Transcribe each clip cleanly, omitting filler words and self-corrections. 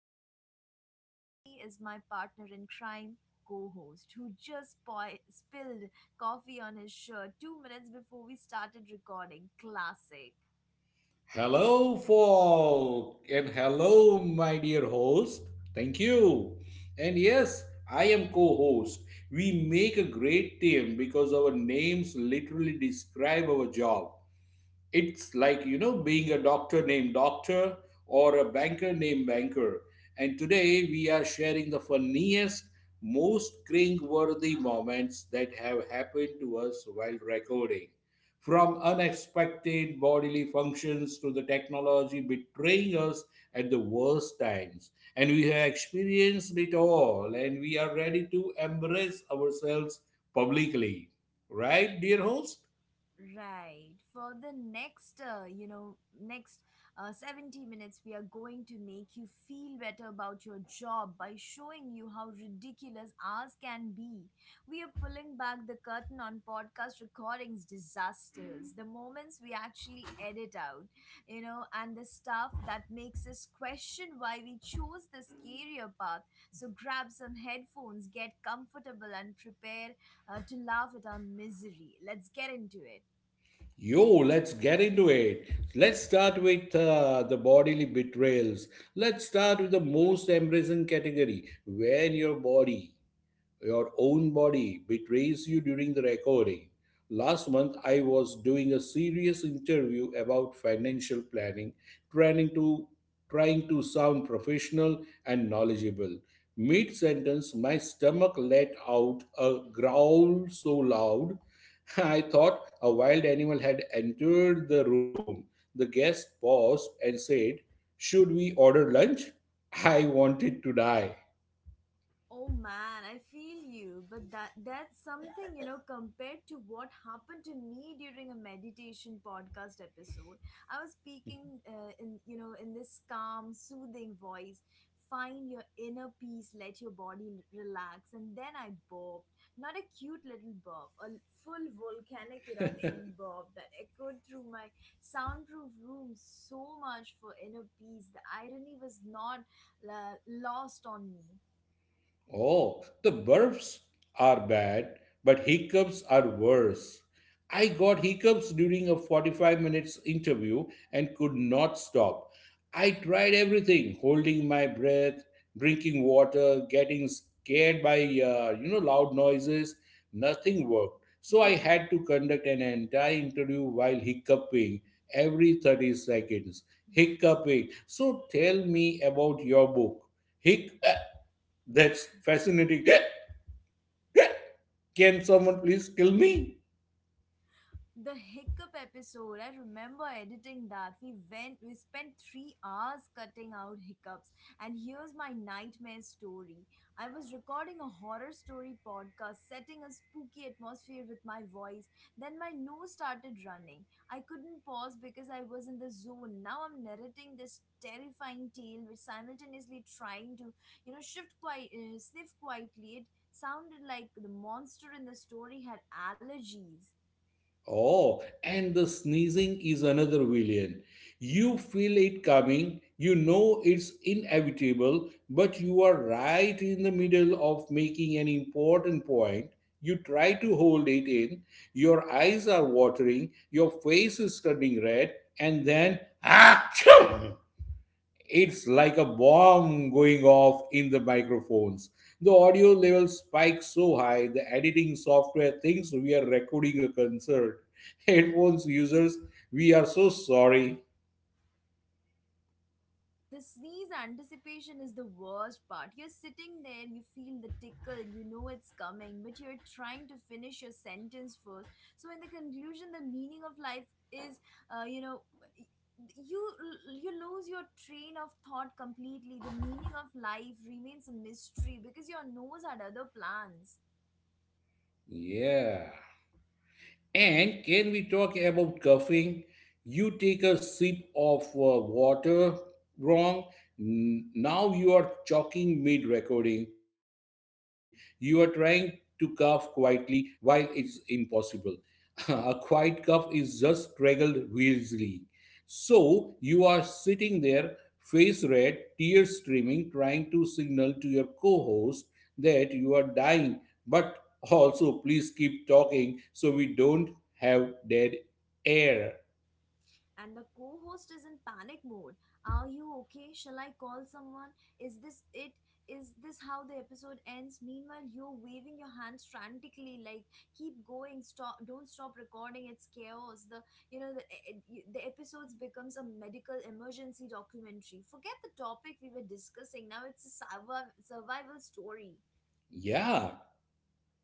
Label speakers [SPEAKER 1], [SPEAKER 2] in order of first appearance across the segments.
[SPEAKER 1] moments. Joining me is my partner in crime, co-host, who just spilled coffee on his shirt 2 minutes before we started recording. Classic.
[SPEAKER 2] Hello, folk, and hello, my dear host. Thank you. And yes, I am co host. We make a great team because our names literally describe our job. It's like, you know, being a doctor named doctor or a banker named banker. And today we are sharing the funniest, most cringe-worthy moments that have happened to us while recording, from unexpected bodily functions to the technology betraying us at the worst times. And we have experienced it all, and we are ready to embrace ourselves publicly, right, dear host?
[SPEAKER 1] Right. For the next 70 minutes, we are going to make you feel better about your job by showing you how ridiculous ours can be. We are pulling back the curtain on podcast recordings disasters, the moments we actually edit out, you know, and the stuff that makes us question why we chose this career path. So grab some headphones, get comfortable, and prepare to laugh at our misery. Let's get into it.
[SPEAKER 2] Yo, let's get into it. Let's start with the bodily betrayals. Let's start with the most embarrassing category, when your body. Your own body betrays you during the recording. Last month, I was doing a serious interview about financial planning, trying to trying to sound professional and knowledgeable. Mid sentence, my stomach let out a growl so loud, I thought a wild animal had entered the room. The guest paused and said, should we order lunch? I wanted to die.
[SPEAKER 1] Oh man, I feel you, but that's something, you know, compared to what happened to me during a meditation podcast episode. I was speaking in, you know, in this calm, soothing voice. Find your inner peace, let your body relax, and then I burped. Not a cute little burp, a full volcanic eruption burp that echoed through my soundproof room so much for inner peace. The irony was not lost on me.
[SPEAKER 2] Oh, the burps are bad, but hiccups are worse. I got hiccups during a 45 minutes interview and could not stop. I tried everything: holding my breath, drinking water, getting scared by loud noises. Nothing worked. So I had to conduct an entire interview while hiccuping every 30 seconds. Hiccuping. So tell me about your book. Hic, that's fascinating. Can someone please kill me?
[SPEAKER 1] The hiccup episode, I remember editing that. We spent 3 hours cutting out hiccups. And here's my nightmare story. I was recording a horror story podcast, setting a spooky atmosphere with my voice. Then my nose started running. I couldn't pause because I was in the zone. Now I'm narrating this terrifying tale, which simultaneously trying to shift quite sniff quietly. It sounded like the monster in the story had allergies.
[SPEAKER 2] Oh, and the sneezing is another villain. You feel it coming, you know it's inevitable, but you are right in the middle of making an important point. You try to hold it in, your eyes are watering, your face is turning red, and then, ah, it's like a bomb going off in the microphones. The audio level spikes so high, the editing software thinks we are recording a concert. Headphones users, we are so sorry.
[SPEAKER 1] The sneeze anticipation is the worst part. You're sitting there, you feel the tickle, you know it's coming, but you're trying to finish your sentence first. So, in the conclusion, the meaning of life is, you know, you you lose your train of thought completely. The meaning of life remains a mystery because your nose had other plans.
[SPEAKER 2] Yeah. And can we talk about coughing? You take a sip of water wrong. Now you are choking mid recording. You are trying to cough quietly, while it's impossible. A quiet cough is just straggled wheezily. So you are sitting there, face red, tears streaming, trying to signal to your co host that you are dying, but also, please keep talking so we don't have dead air.
[SPEAKER 1] And the co-host is in panic mode. Are you okay? Shall I call someone? Is this it? Is this how the episode ends? Meanwhile, you're waving your hands frantically like keep going, stop, don't stop recording. It's chaos. The you know the, eh, eh, the episodes becomes a medical emergency documentary. Forget the topic we were discussing. Now it's a survival story.
[SPEAKER 2] Yeah.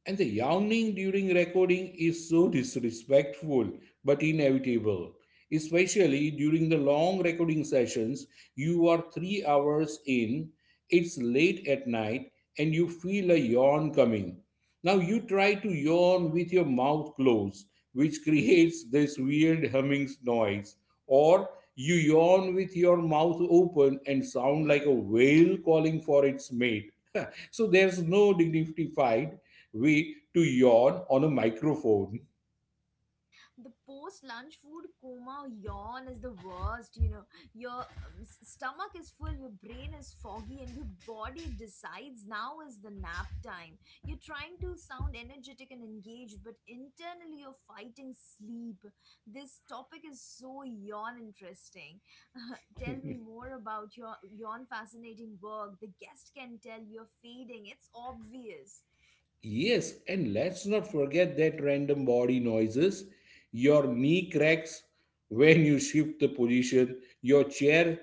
[SPEAKER 2] And the yawning during recording is so disrespectful but inevitable. Especially during the long recording sessions, you are 3 hours in, it's late at night, and you feel a yawn coming. Now you try to yawn with your mouth closed, which creates this weird humming noise, or you yawn with your mouth open and sound like a
[SPEAKER 1] Right.
[SPEAKER 2] whale calling for its mate. So there's no dignified way to yawn on a microphone.
[SPEAKER 1] The post lunch food coma yawn is the worst, you know. Your stomach is full, your brain is foggy, and your body decides now is the nap time. You're trying to sound energetic and engaged, but internally you're fighting sleep. This topic is so yawn interesting. Tell me more about your yawn fascinating work. The guest can tell you're fading, it's obvious.
[SPEAKER 2] Yes, and let's not forget that random body noises. Your knee cracks when you shift the position, your chair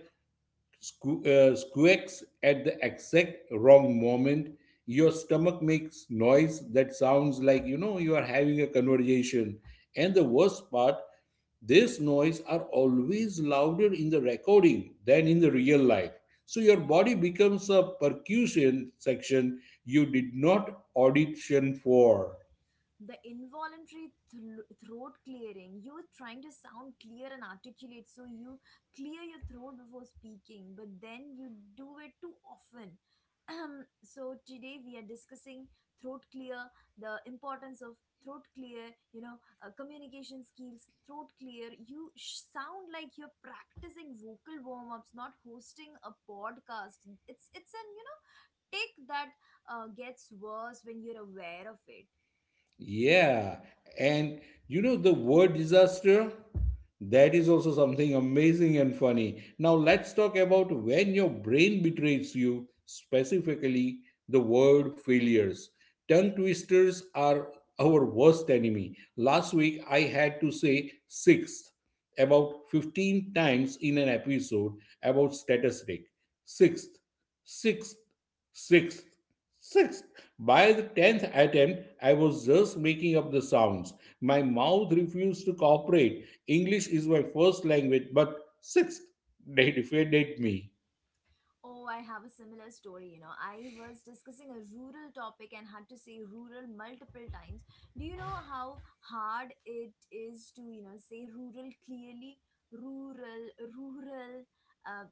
[SPEAKER 2] squeaks at the exact wrong moment, your stomach makes noise that sounds like, you are having a conversation. And the worst part, this noise are always louder in the recording than in the real life. So your body becomes a percussion section you did not audition for.
[SPEAKER 1] The involuntary throat clearing. You are trying to sound clear and articulate, so you clear your throat before speaking, but then you do it too often. So today we are discussing throat clear the importance of throat clear, you know, communication skills throat clear. You sound like you're practicing vocal warm-ups, not hosting a podcast. It's an, you know, tick that gets worse when you're aware of it.
[SPEAKER 2] Yeah, and you know the word disaster? That is also something amazing and funny. Now let's talk about when your brain betrays you, specifically the word failures. Tongue twisters are our worst enemy. Last week I had to say sixth about 15 times in an episode about status rake. Sixth, sixth, sixth, sixth. By the 10th attempt, I was just making up the sounds. My mouth refused to cooperate. English is my first language, but sixth, they defended me.
[SPEAKER 1] Oh, I have a similar story. You know, I was discussing a rural topic and had to say rural multiple times. Do you know how hard it is to, you know, say rural clearly? Rural, rural. Uh,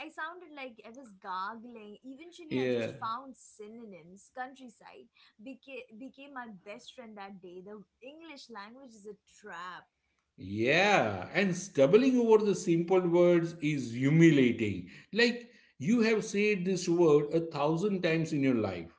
[SPEAKER 1] I sounded like I was gargling. Eventually, I
[SPEAKER 2] Yeah.
[SPEAKER 1] just found synonyms. Countryside became my best friend that day. The English language is a trap.
[SPEAKER 2] Yeah, and stumbling over the simple words is humiliating. Like, you have said this word a thousand times in your life.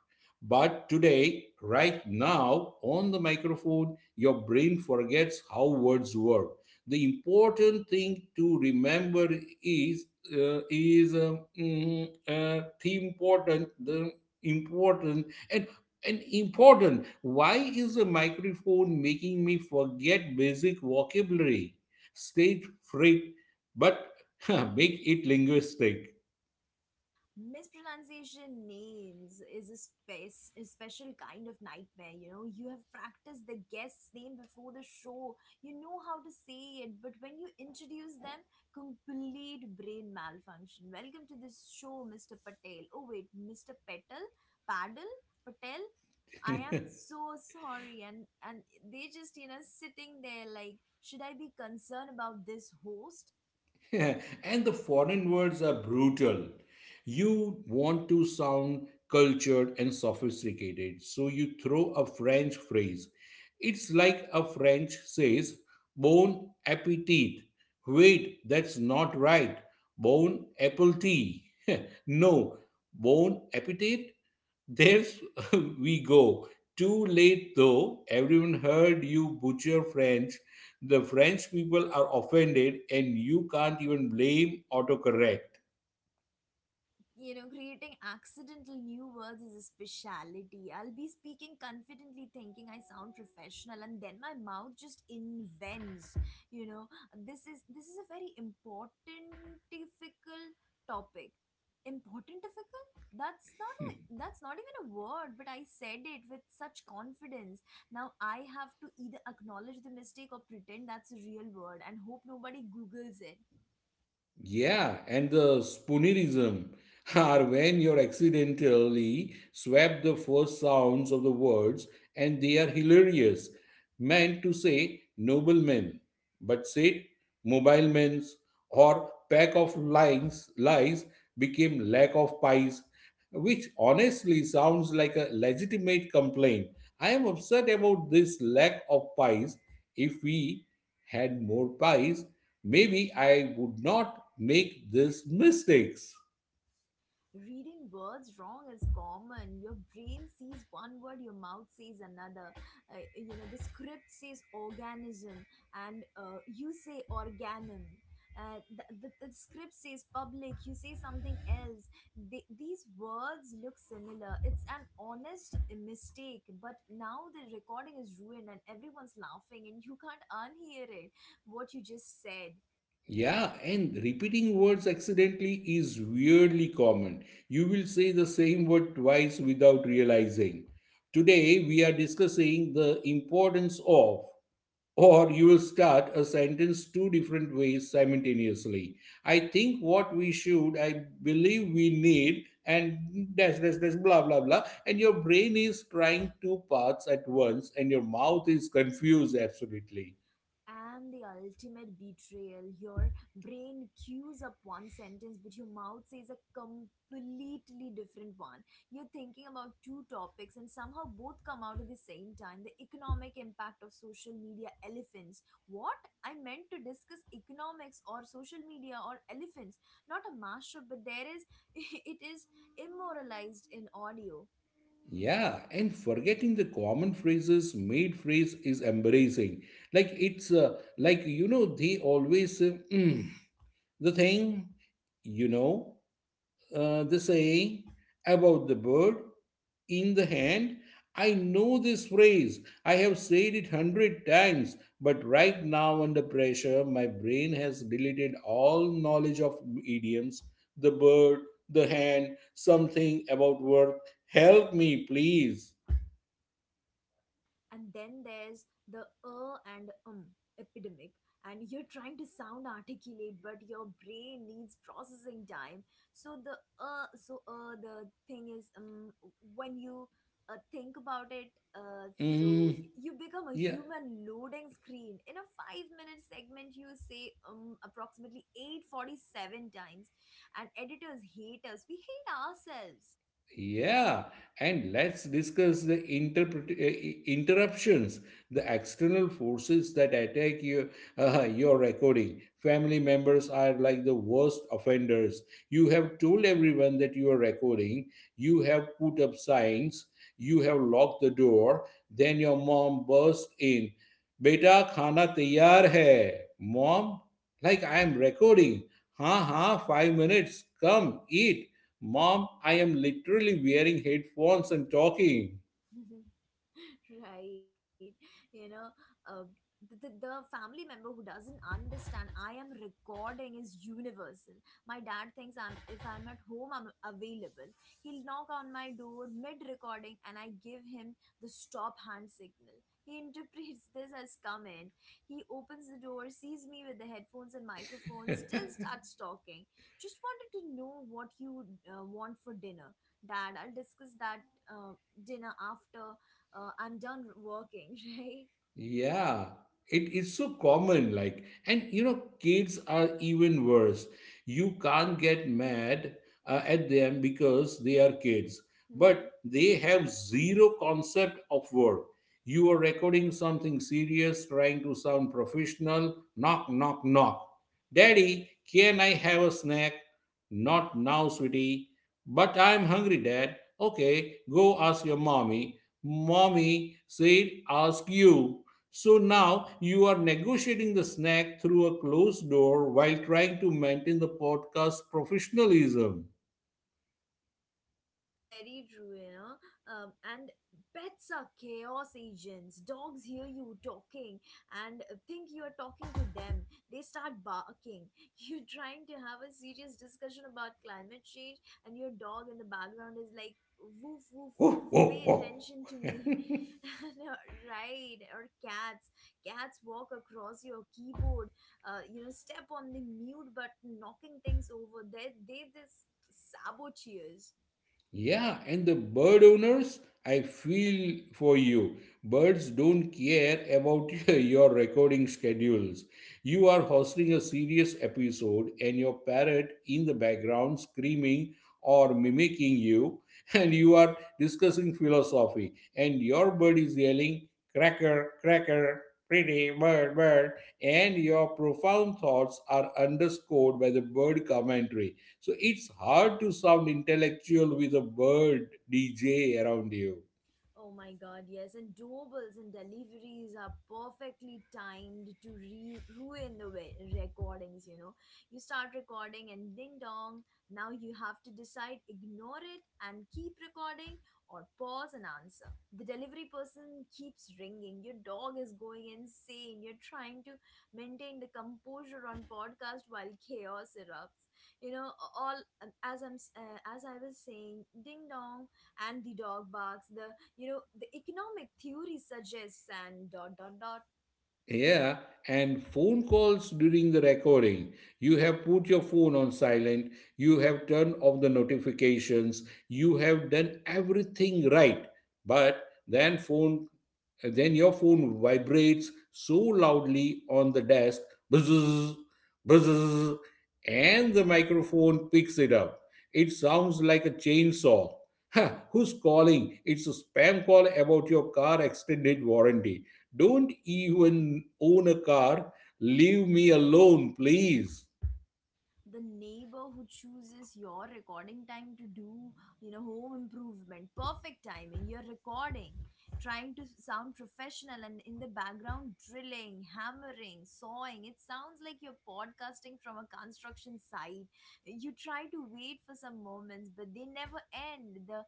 [SPEAKER 2] But today, right now, on the microphone, your brain forgets how words work. The important thing to remember is the important, and important Why is the microphone making me forget basic vocabulary? State freight, but make it linguistic.
[SPEAKER 1] Mispronunciation names is a space, a special kind of nightmare. You know, you have practiced the guest's name before the show, you know how to say it, but when you introduce them, complete brain malfunction. Welcome to this show, Mr. Patel. Oh wait, Mr. Petal, Paddle, Patel. I am so sorry. And they just, you know, sitting there like should I be concerned about this host.
[SPEAKER 2] And the foreign words are brutal. You want to sound cultured and sophisticated, so you throw a French phrase. It's like a French says, bon appetit. Wait, that's not right. Bon apple tea. No, bon appetit? There's, we go. Too late though, everyone heard you butcher French. The French people are offended, and you can't even blame autocorrect.
[SPEAKER 1] You know, creating accidental new words is a speciality. I'll be speaking confidently, thinking I sound professional, and then my mouth just invents. You know, this is a very important difficult topic. Important difficult? That's not even a word, but I said it with such confidence. Now I have to either acknowledge the mistake or pretend that's a real word and hope nobody Googles it.
[SPEAKER 2] Yeah, and the spoonerism are when you accidentally swap the first sounds of the words, and they are hilarious. Meant to say noblemen, but said mobile men's. Or pack of lines lies became lack of pies, which honestly sounds like a legitimate complaint. I am upset about this lack of pies. If we had more pies, maybe I would not make these mistakes.
[SPEAKER 1] Reading words wrong is common. Your brain sees one word, your mouth says another. You know, the script says organism, and you say organum. The script says public, you say something else. These words look similar. It's an honest mistake, but now the recording is ruined and everyone's laughing, and you can't unhear it, what you just said.
[SPEAKER 2] Yeah, and repeating words accidentally is weirdly common. You will say the same word twice without realizing. Today, we are discussing the importance of. Or you will start a sentence two different ways simultaneously. I think what we should, I believe we need, and dash dash dash blah blah blah. And your brain is trying two paths at once, and your mouth is confused absolutely.
[SPEAKER 1] And the ultimate betrayal. Your brain cues up one sentence, but your mouth says a completely different one. You're thinking about two topics, and somehow both come out at the same time. The economic impact of social media elephants. What? I meant to discuss economics or social media or elephants, not a mashup, but there is, it is immoralized in audio.
[SPEAKER 2] Yeah, and forgetting the common phrases, made phrase is embarrassing. Like it's they always say, "Mm, the thing, you know. The saying about the bird in the hand." I know this phrase. I have said it hundred times, but right now, under pressure, my brain has deleted all knowledge of idioms. The bird, the hand, something about work. Help me, please.
[SPEAKER 1] And then there's the and epidemic. And you're trying to sound articulate, but your brain needs processing time. so the the thing is, when you think about it. So
[SPEAKER 2] Mm,
[SPEAKER 1] you become a
[SPEAKER 2] yeah.
[SPEAKER 1] human loading screen. In a 5-minute segment you say approximately 847 times. And editors hate us, we hate ourselves.
[SPEAKER 2] Yeah, and let's discuss the interruptions, the external forces that attack you, your recording. Family members are like the worst offenders. You have told everyone that you are recording, you have put up signs, you have locked the door, then your mom bursts in. "Beta, खाना तैयार है." Mom, like, I am recording. Ha ha, 5 minutes, come, eat. Mom, I am literally wearing headphones and talking.
[SPEAKER 1] Right, you know. uh, the family member who doesn't understand I am recording is universal. My dad thinks I'm if I'm at home I'm available. He'll knock on my door mid recording, and I give him the stop hand signal. He interprets this as come in. He opens the door, sees me with the headphones and microphone, still starts talking. Just wanted to know what you want for dinner. Dad, I'll discuss that uh, dinner after I'm done working, right?
[SPEAKER 2] Yeah, it is so common. Like, and you know, kids are even worse. You can't get mad at them because they are kids,
[SPEAKER 1] Hmm.
[SPEAKER 2] but they have zero concept of work. You are recording something serious, trying to sound professional. Knock, knock, knock. Daddy, can I have a snack? Not now, sweetie. But I'm hungry, Dad. Okay, go ask your mommy. Mommy said, ask you. So now you are negotiating the snack through a closed door while trying to maintain the podcast professionalism.
[SPEAKER 1] Very true, you know. And Pets are chaos agents. Dogs hear you talking and think you are talking to them. They start barking. You're trying to have a serious discussion about climate change, and your dog in the background is like, woof, woof,
[SPEAKER 2] Woof,
[SPEAKER 1] woof,
[SPEAKER 2] woof,
[SPEAKER 1] pay
[SPEAKER 2] woof.
[SPEAKER 1] attention to me. No, right. Or cats. Cats walk across your keyboard, you know, step on the mute button, knocking things over. They're, they This saboteurs.
[SPEAKER 2] Yeah, and the bird owners, I feel for you. Birds don't care about your recording schedules. You are hosting a serious episode, and your parrot in the background screaming or mimicking you, and you are discussing philosophy, and your bird is yelling, cracker, cracker, pretty bird, bird, and your profound thoughts are underscored by the bird commentary. So it's hard to sound intellectual with a bird DJ around you.
[SPEAKER 1] Oh my god, yes, and doorbells and deliveries are perfectly timed to ruin the recordings, you know. You start recording and ding dong, now you have to decide ignore it and keep recording or pause and answer. The delivery person keeps ringing, your dog is going insane, you're trying to maintain the composure on podcast while chaos erupts. You know, all as I was saying, ding dong, and the dog barks, the, you know, the economic theory suggests, and dot dot dot.
[SPEAKER 2] Yeah, and phone calls during the recording. You have put your phone on silent, you have turned off the notifications, you have done everything right. But then your phone vibrates so loudly on the desk, buzz, buzz, and the microphone picks it up. It sounds like a chainsaw. Huh, who's calling? It's a spam call about your car extended warranty. Don't even own a car. Leave me alone, please.
[SPEAKER 1] The neighbor who chooses your recording time to do, you know, home improvement. Perfect timing. You're recording, trying to sound professional, and in the background drilling, hammering, sawing. It sounds like you're podcasting from a construction site. You try to wait for some moments, but they never end. the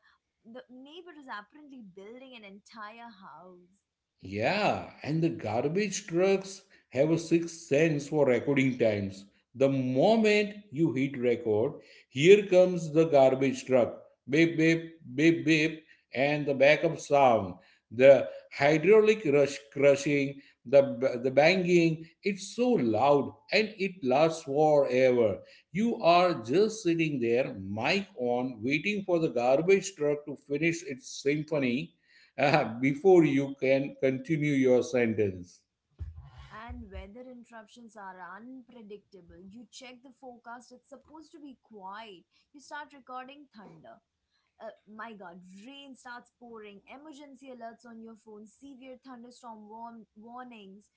[SPEAKER 1] the neighbor is apparently building an entire house.
[SPEAKER 2] Yeah, and the garbage trucks have a sixth sense for recording times. The moment you hit record, here comes the garbage truck. Beep, beep, beep, beep, and the backup sound. The hydraulic rush crushing, the banging, it's so loud and it lasts forever. You are just sitting there, mic on, waiting for the garbage truck to finish its symphony before you can continue your sentence.
[SPEAKER 1] And weather interruptions are unpredictable. You check the forecast, it's supposed to be quiet. You start recording thunder. My god, rain starts pouring, emergency alerts on your phone, severe thunderstorm warnings.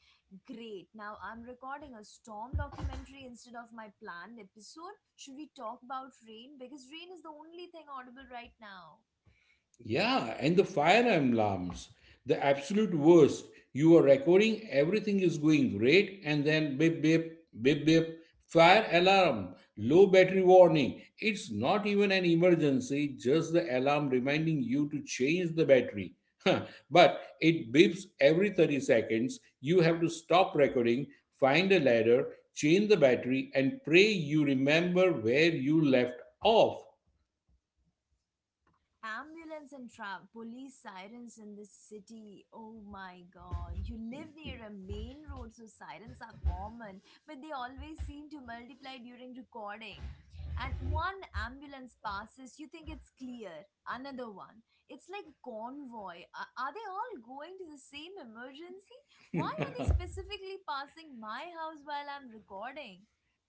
[SPEAKER 1] Great, now I'm recording a storm documentary instead of my planned episode. Should we talk about rain? Because rain is the only thing audible right now.
[SPEAKER 2] Yeah, and the fire alarms, the absolute worst. You are recording, everything is going great, and then beep, beep, beep, beep, fire alarm, low battery warning. It's not even an emergency, just the alarm reminding you to change the battery. Huh, but it beeps every 30 seconds. You have to stop recording, find a ladder, change the battery, and pray you remember where you left off.
[SPEAKER 1] Ambulance and police sirens in this city. Oh my god. You live near a main road, so sirens are common, but they always seem to multiply during recording. And one ambulance passes, you think it's clear. Another one. It's like a convoy. Are they all going to the same emergency? Why are they specifically passing my house while I'm recording?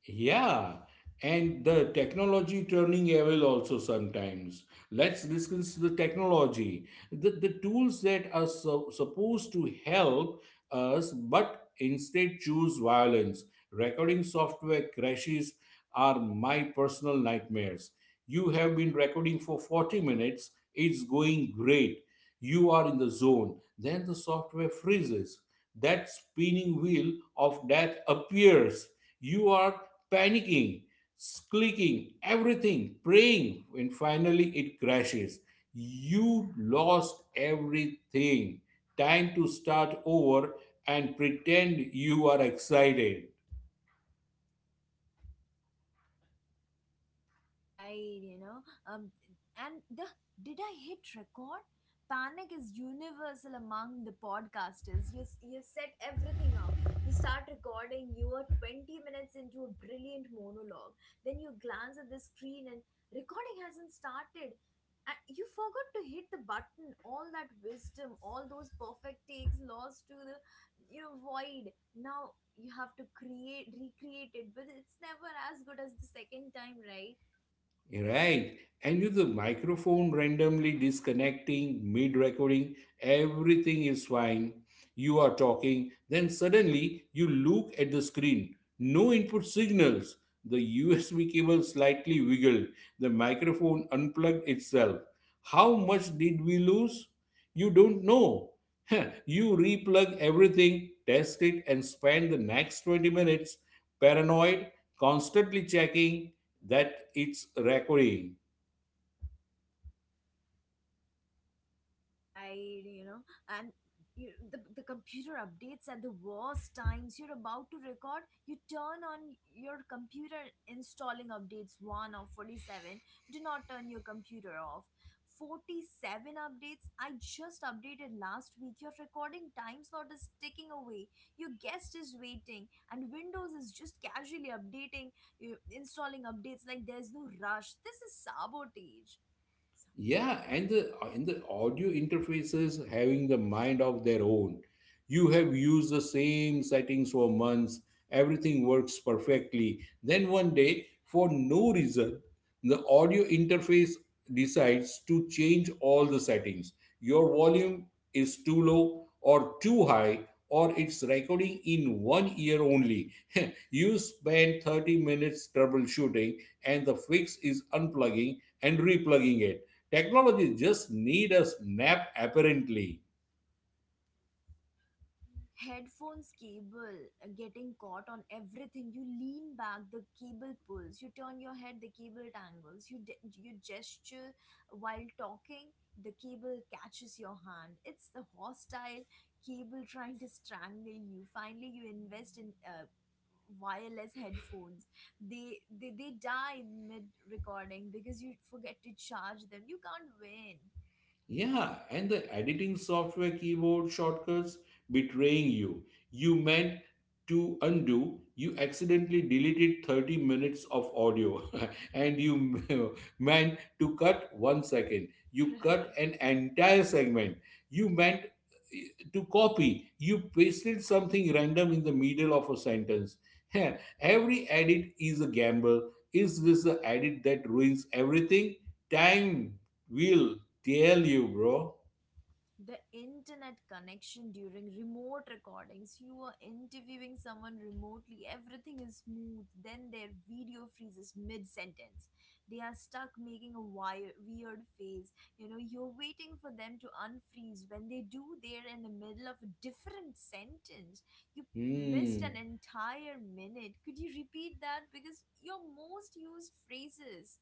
[SPEAKER 2] Yeah, and the technology turning evil also sometimes. Let's discuss the technology. The tools that are so, supposed to help us but instead choose violence. Recording software crashes are my personal nightmares. You have been recording for 40 minutes, it's going great. You are in the zone, then the software freezes. That spinning wheel of death appears, you are panicking, clicking everything, praying, and finally it crashes. You lost everything. Time to start over and pretend you are excited.
[SPEAKER 1] Right, you know. And the Did I hit record? Panic is universal among the podcasters. You set everything up. You start recording. You are 20 minutes into a brilliant monologue. Then you glance at the screen, and recording hasn't started. And you forgot to hit the button. All that wisdom, all those perfect takes lost to the, you know, void. Now you have to create recreate it, but it's never as good as the second time, right?
[SPEAKER 2] Right. And with the microphone randomly disconnecting mid recording, everything is fine. You are talking, then suddenly you look at the screen. No input signals. The USB cable slightly wiggled. The microphone unplugged itself. How much did we lose? You don't know. You replug everything, test it, and spend the next 20 minutes paranoid, constantly checking that it's recording.
[SPEAKER 1] Right. And the computer updates at the worst times. You're about to record, you turn on your computer. Installing updates, 1 or 47? Do not turn your computer off. 47 updates? I just updated last week. Your recording time slot is ticking away, your guest is waiting, and Windows is just casually updating. You, installing updates like there's no rush. This is sabotage.
[SPEAKER 2] Yeah, and the audio interfaces having the mind of their own. You have used the same settings for months, everything works perfectly. Then one day, for no reason, the audio interface decides to change all the settings. Your volume is too low or too high, or it's recording in one ear only. You spend 30 minutes troubleshooting, and the fix is unplugging and replugging it. Technology just need a snap apparently.
[SPEAKER 1] Headphones cable getting caught on everything. You lean back, the cable pulls. You turn your head, the cable tangles. You gesture while talking, the cable catches your hand. It's the hostile cable trying to strangle you. Finally, you invest in wireless headphones. They die mid recording because you forget to charge them. You can't win.
[SPEAKER 2] Yeah, and the editing software keyboard shortcuts betraying you. You meant to undo, you accidentally deleted 30 minutes of audio, and you meant to cut one second. You cut
[SPEAKER 1] Right.
[SPEAKER 2] an entire segment. You meant eh, to copy, you pasted something random in the middle of a sentence. Every edit is a gamble. Is this the edit that ruins everything? Time will tell you, bro.
[SPEAKER 1] The internet connection during remote recordings. You are interviewing someone remotely, everything is smooth, then their video freezes mid sentence. They are stuck making a weird face. You're waiting for them to unfreeze. When they do, they're in the middle of a different sentence. You missed
[SPEAKER 2] Hmm.
[SPEAKER 1] an entire minute. Could you repeat that? Because your most used phrases.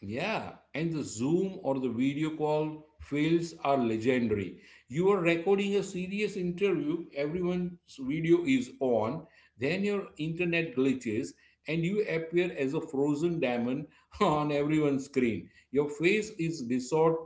[SPEAKER 2] Yeah. And the Zoom or the video call fails are legendary. You are recording a serious interview, everyone's video is on, then your internet glitches, and you appear as a frozen diamond on everyone's screen. Your face is distort,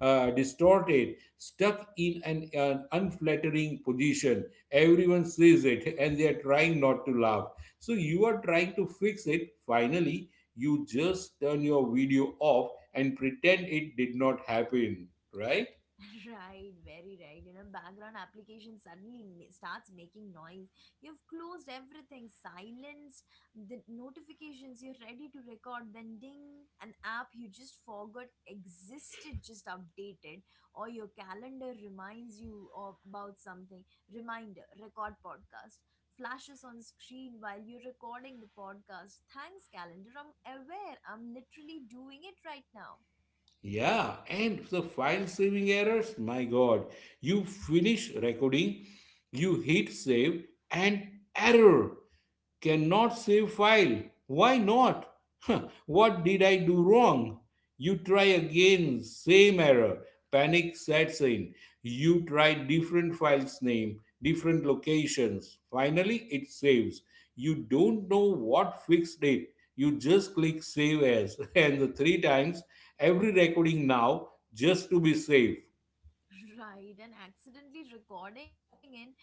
[SPEAKER 2] uh, distorted, stuck in an unflattering position. Everyone sees it and they are trying not to laugh. So you are trying to fix it. Finally, you just turn your video off and pretend it did not happen, right?
[SPEAKER 1] Right, very right. Background application suddenly starts making noise. You've closed everything, silenced the notifications. You're ready to record. Then ding, an app you just forgot existed just updated, or your calendar reminds you of about something. Reminder: record podcast. Flashes on screen while you're recording the podcast. Thanks, calendar. I'm aware. I'm literally doing it right now.
[SPEAKER 2] Yeah, and the file saving errors, my god, you finish recording, you hit save, and error. Cannot save file. Why not? What did I do wrong? You try again, same error. Panic sets in. You try different files name, different locations. Finally, it saves. You don't know what fixed it. You just click save as and the three times every recording now just to be safe.
[SPEAKER 1] Right, and accidentally recording in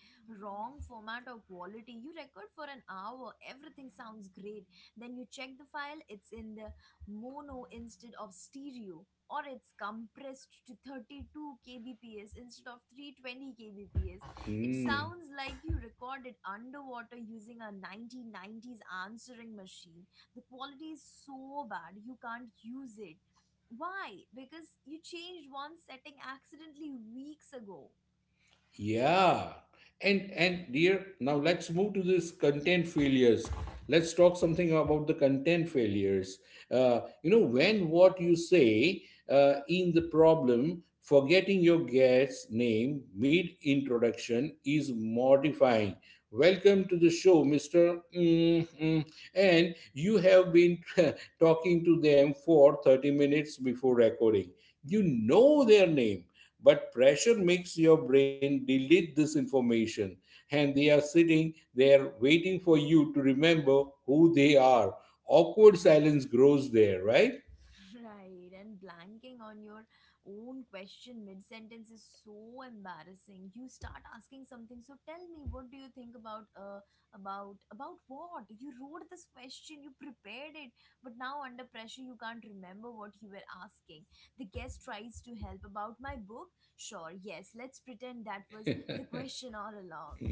[SPEAKER 1] wrong format or quality. You record for an hour, everything sounds great. Then you check the file, it's in the mono instead of stereo, or it's compressed to 32 kbps instead of 320 kbps. It
[SPEAKER 2] Hmm.
[SPEAKER 1] sounds like you recorded underwater using a 1990s answering machine. The quality is so bad, you can't use it. Why? Because you changed one setting accidentally weeks ago.
[SPEAKER 2] Yeah. And dear, now let's move to this content failures. Let's talk something about the content failures. You know, when what you say in the problem, forgetting your guest's name mid introduction is mortifying. Welcome to the show, Mr. And you have been talking to them for 30 minutes before recording. You know their name, but pressure makes your brain delete this information, and they are sitting there waiting for you to remember who they are. Awkward silence grows there, right?
[SPEAKER 1] Right, and blanking on your own question mid sentence is so embarrassing. You start asking something. So tell me, what do you think about what? You wrote this question, you prepared it, but now under pressure you can't remember what you were asking. The guest tries to help about my book. Sure, yes, let's pretend that was the question all along.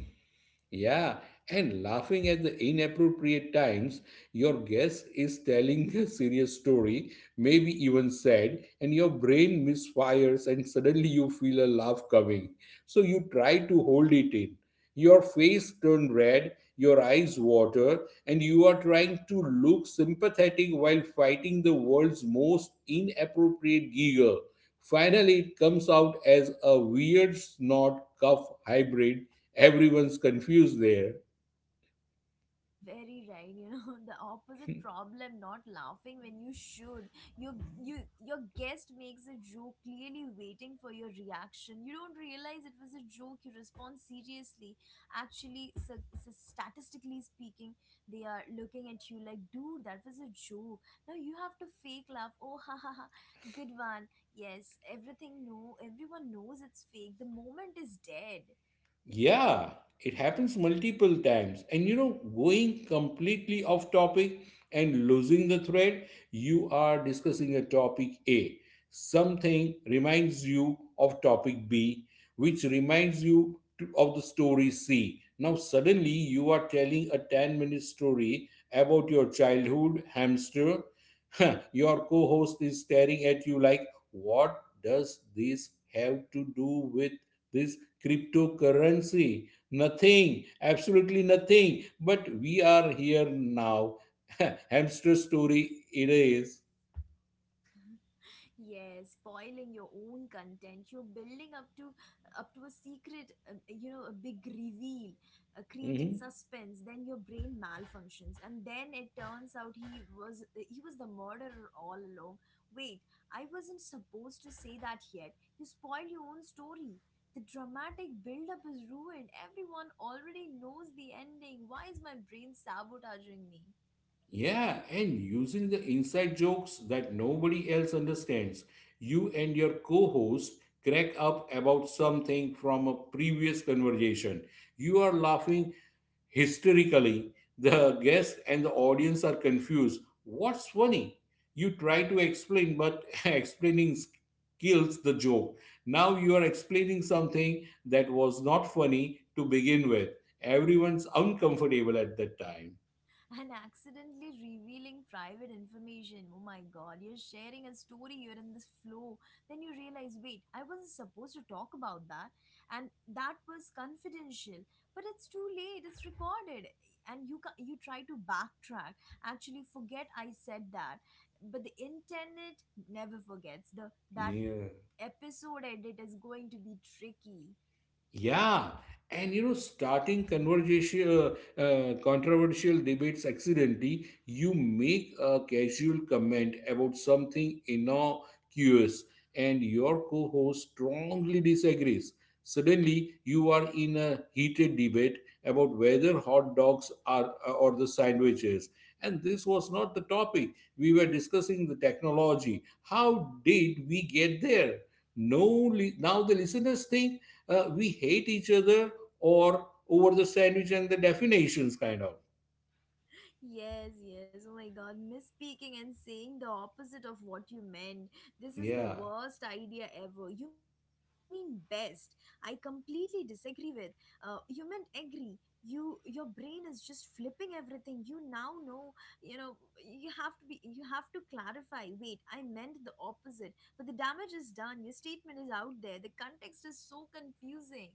[SPEAKER 2] Yeah, and laughing at the inappropriate times, your guest is telling a serious story, maybe even sad, and your brain misfires, and suddenly you feel a laugh coming. So you try to hold it in. Your face turned red, your eyes water, and you are trying to look sympathetic while fighting the world's most inappropriate giggle. Finally, it comes out as a weird snort cough hybrid. Everyone's confused there.
[SPEAKER 1] Very right, the opposite problem, not laughing when you should. Your your guest makes a joke clearly waiting for your reaction. You don't realize it was a joke, you respond seriously. Actually, so statistically speaking, they are looking at you like, dude, that was a joke. Now you have to fake laugh. Oh ha ha ha. Good one. Yes, everything, no, everyone knows it's fake. The moment is dead.
[SPEAKER 2] Yeah, it happens multiple times. And you know, going completely off topic and losing the thread, you are discussing a topic A. Something reminds you of topic B, which reminds you of the story C. Now, suddenly you are telling a 10-minute story about your childhood hamster. Your co host is staring at you like, what does this have to do with this cryptocurrency? Nothing, absolutely nothing. But we are here now. Hamster story it is.
[SPEAKER 1] Yes, spoiling your own content. You're building up to a secret, a big reveal, creating
[SPEAKER 2] Mhm.
[SPEAKER 1] suspense. Then your brain malfunctions, and then it turns out he was the murderer all along. Wait, I wasn't supposed to say that yet. You spoil your own story. The dramatic build-up is ruined. Everyone already knows the ending. Why is my brain sabotaging me?
[SPEAKER 2] Yeah, and using the inside jokes that nobody else understands. You and your co host crack up about something from a previous conversation. You are laughing hysterically. The guest and the audience are confused. What's funny? You try to explain, but explaining kills the joke. Now you are explaining something that was not funny to begin with. Everyone's uncomfortable at that time.
[SPEAKER 1] And accidentally revealing private information. Oh my god, you're sharing a story, you're in this flow. Then you realize, wait, I wasn't supposed to talk about that, and that was confidential. But it's too late, it's recorded, and you try to backtrack. Actually, forget I said that, but the internet never forgets. The that
[SPEAKER 2] Yeah.
[SPEAKER 1] episode edit is going to be tricky.
[SPEAKER 2] Yeah, and you know, starting conversation, controversial debates accidentally, you make a casual comment about something innocuous, and your co-host strongly disagrees. Suddenly, you are in a heated debate about whether hot dogs are or the sandwiches, and this was not the topic. We were discussing the technology. How did we get there? No, now the listeners think we hate each other or over the sandwich and the definitions kind of,
[SPEAKER 1] Yes, yes. Oh my god, misspeaking and saying the opposite of what you meant. This is the
[SPEAKER 2] yeah.
[SPEAKER 1] worst idea ever. You mean best. I completely disagree with. You meant agree. Your brain is just flipping everything. You now know, you have to clarify. Wait, I meant the opposite. But the damage is done. Your statement is out there. The context is so confusing.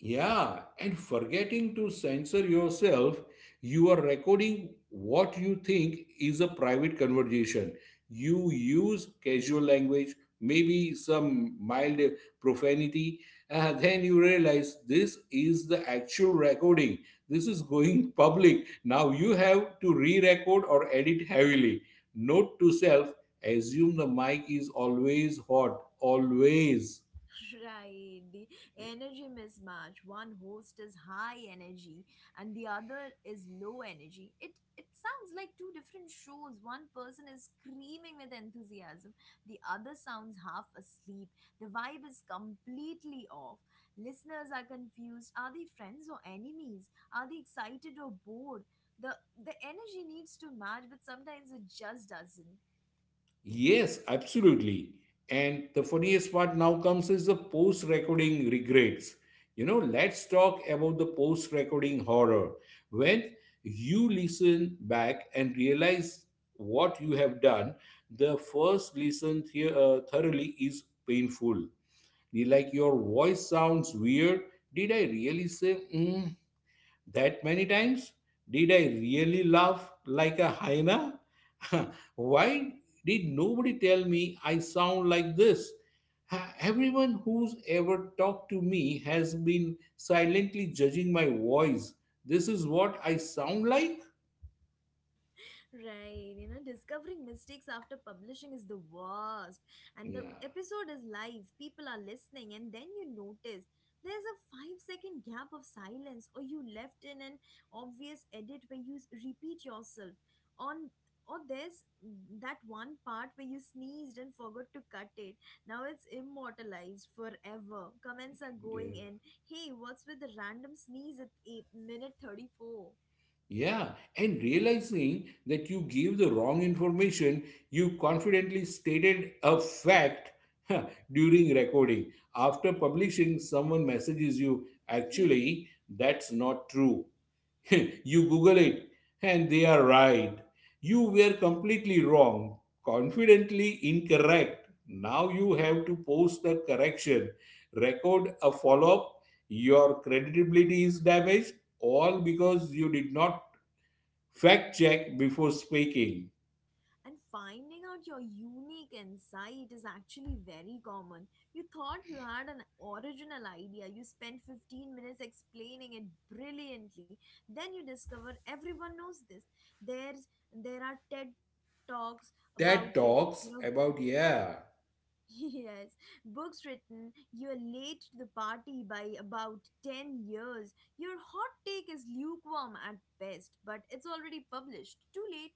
[SPEAKER 2] Yeah, and forgetting to censor yourself, you are recording what you think is a private conversation. You use casual language, maybe some mild profanity, and then you realize this is the actual recording. This is going public. Now you have to re record or edit heavily. Note to self, assume the mic is always hot, always.
[SPEAKER 1] Right, the energy mismatch. One host is high energy and the other is low energy. It sounds like two different shows. One person is screaming with enthusiasm, the other sounds half asleep. The vibe is completely off. Listeners are confused. Are they friends or enemies? Are they excited or bored? The energy needs to match, but sometimes it just doesn't.
[SPEAKER 2] Yes, absolutely. And the funniest part now comes is the post recording regrets. You know, let's talk about the post recording horror. When you listen back and realize what you have done, the first listen thoroughly is painful. You like your voice sounds weird. Did I really say, mm, that many times? Did I really laugh like a hyena? Why did nobody tell me I sound like this? Everyone who's ever talked to me has been silently judging my voice. This is what I sound like?
[SPEAKER 1] Right, discovering mistakes after publishing is the worst. And the
[SPEAKER 2] Yeah.
[SPEAKER 1] episode is live, people are listening, and then you notice there's a 5-second gap of silence, or you left in an obvious edit where you repeat yourself. On or there's that one part where you sneezed and forgot to cut it. Now it's immortalized forever. Comments are going
[SPEAKER 2] Yeah.
[SPEAKER 1] in. Hey, what's with the random sneeze at 8 minute 34?
[SPEAKER 2] Yeah, and realizing that you gave the wrong information, you confidently stated a fact during recording. After publishing, someone messages you, actually, that's not true. You Google it, and they are right. You were completely wrong, confidently incorrect. Now you have to post a correction, record a follow up. Your credibility is damaged, all because you did not fact check before speaking.
[SPEAKER 1] And finding out your unique insight is actually very common. You thought you had an original idea, you spent 15 minutes explaining it brilliantly. Then you discover everyone knows this. There are TED talks about it,
[SPEAKER 2] That
[SPEAKER 1] you know.
[SPEAKER 2] talks about, yeah,
[SPEAKER 1] Yes, books written, you're late to the party by about 10 years. Your hot take is lukewarm at best, but it's already published. Too late.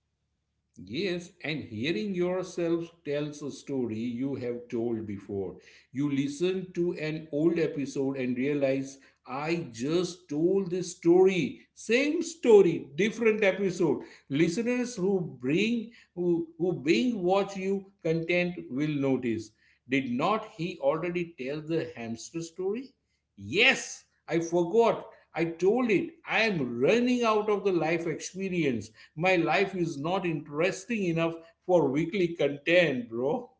[SPEAKER 2] yes, and hearing yourself tells a story you have told before. You listen to an old episode and realize, I just told this story. Same story, different episode. Listeners who being watch you content will notice. Did not he already tell the hamster story? Yes, I forgot. I told it. I am running out of the life experience. My life is not interesting enough for weekly content, bro.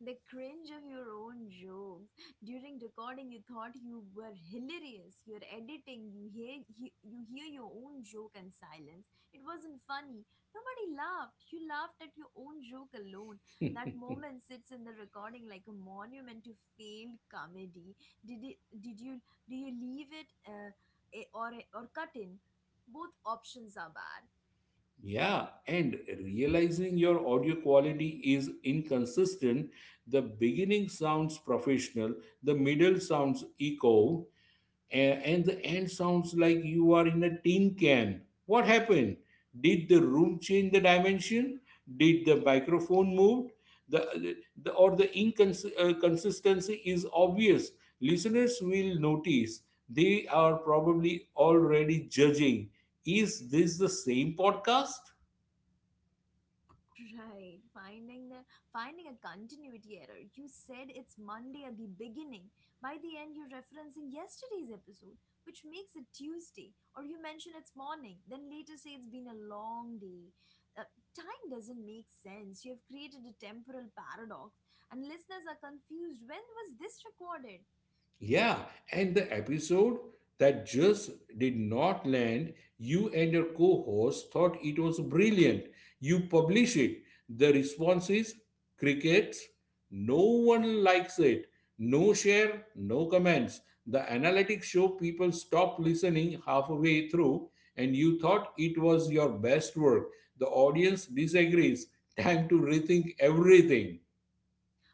[SPEAKER 1] The cringe of your own jokes. During recording, you thought you were hilarious. You're editing, you hear your own joke and silence. It wasn't funny. Nobody laughed. You laughed at your own joke alone. That moment sits in the recording like a monument to failed comedy. Did it, did you do you leave it or cut in? Both options are bad.
[SPEAKER 2] Yeah, and realizing your audio quality is inconsistent, the beginning sounds professional, the middle sounds echo, and the end sounds like you are in a tin can. What happened? Did the room change the dimension? Did the microphone move? The, the inconsistency is obvious. Listeners will notice. They are probably already judging. Is this the same podcast?
[SPEAKER 1] Right, finding the finding a continuity error. You said it's Monday at the beginning. By the end, you're referencing yesterday's episode, which makes it Tuesday. Or you mention it's morning, then later say it's been a long day. Time doesn't make sense. You have created a temporal paradox, and listeners are confused. When was this recorded?
[SPEAKER 2] Yeah, and the episode that just did not land, you and your co host thought it was brilliant. You publish it. The response is crickets. No one likes it. No share, no comments. The analytics show people stop listening halfway through, and you thought it was your best work. The audience disagrees. Time to rethink everything.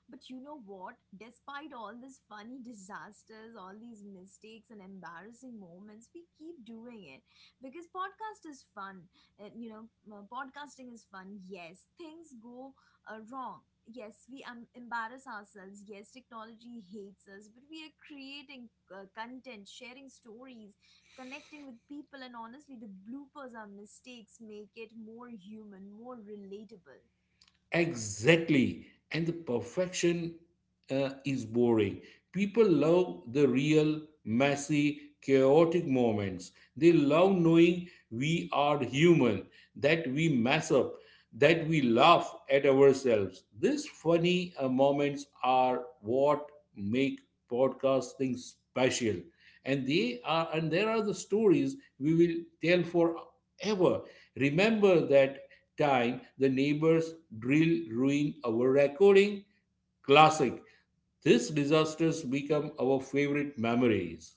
[SPEAKER 1] But you know what? Despite all these funny disasters, all these mistakes and embarrassing moments, we keep doing it because podcast is fun. Uh, you know, Podcasting is fun. Yes, things go wrong. Yes, we embarrass ourselves. Yes, technology hates us, but we are creating content, sharing stories, connecting with people, and honestly, the bloopers, our mistakes make it more human, more relatable.
[SPEAKER 2] Exactly. And the perfection is boring. People love the real, messy, chaotic moments. They love knowing we are human, that we mess up, that we laugh at ourselves. These funny moments are what make podcasting special. And they are and there are the stories we will tell forever. Remember that time the neighbors drill ruined our recording? Classic. These disasters become our favorite memories.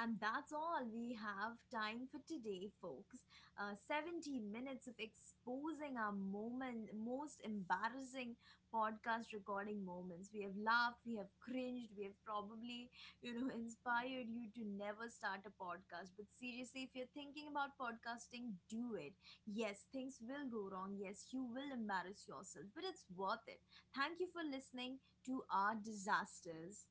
[SPEAKER 1] And that's all we have time for today, folks. 70 minutes of exposing our most embarrassing podcast recording moments. We have laughed, we have cringed, we have probably, inspired you to never start a podcast. But seriously, if you're thinking about podcasting, do it. Yes, things will go wrong. Yes, you will embarrass yourself, but it's worth it. Thank you for listening to our disasters.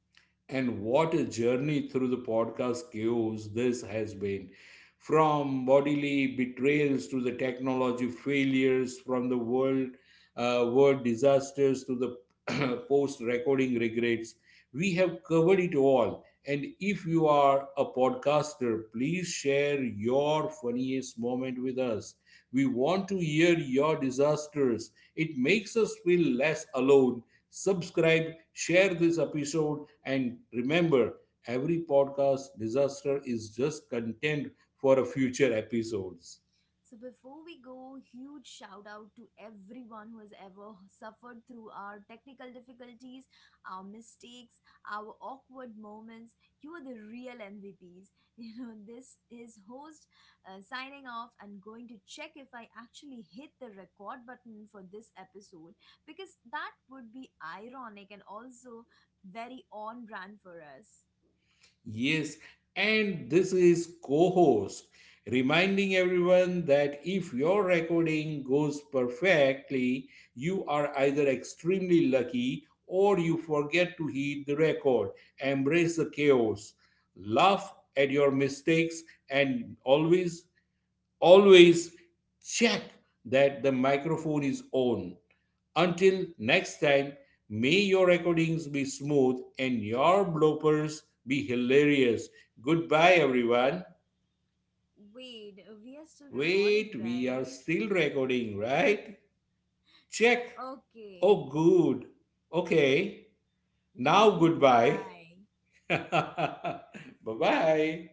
[SPEAKER 2] And what a journey through the podcast chaos this has been. From bodily betrayals to the technology failures, from the world world disasters to the post-recording regrets, we have covered it all. And if you are a podcaster, please share your funniest moment with us. We want to hear your disasters. It makes us feel less alone. Subscribe, share this episode, and remember, every podcast disaster is just content for a future episodes.
[SPEAKER 1] So before we go, huge shout out to everyone who has ever suffered through our technical difficulties, our mistakes, our awkward moments. You are the real MVPs. This is host signing off and going to check if I actually hit the record button for this episode because that would be ironic and also very on brand for us.
[SPEAKER 2] Yes, and this is co host reminding everyone that if your recording goes perfectly, you are either extremely lucky or you forget to heed the record. Embrace the chaos, laugh at your mistakes, and always, always check that the microphone is on. Until next time, may your recordings be smooth and your bloopers be hilarious. Goodbye, everyone.
[SPEAKER 1] Wait, we are still recording,
[SPEAKER 2] Wait, we are
[SPEAKER 1] right?
[SPEAKER 2] still recording, right? Check.
[SPEAKER 1] Okay.
[SPEAKER 2] Oh, good. Okay.
[SPEAKER 1] Now,
[SPEAKER 2] Now, goodbye.
[SPEAKER 1] goodbye.
[SPEAKER 2] Bye bye.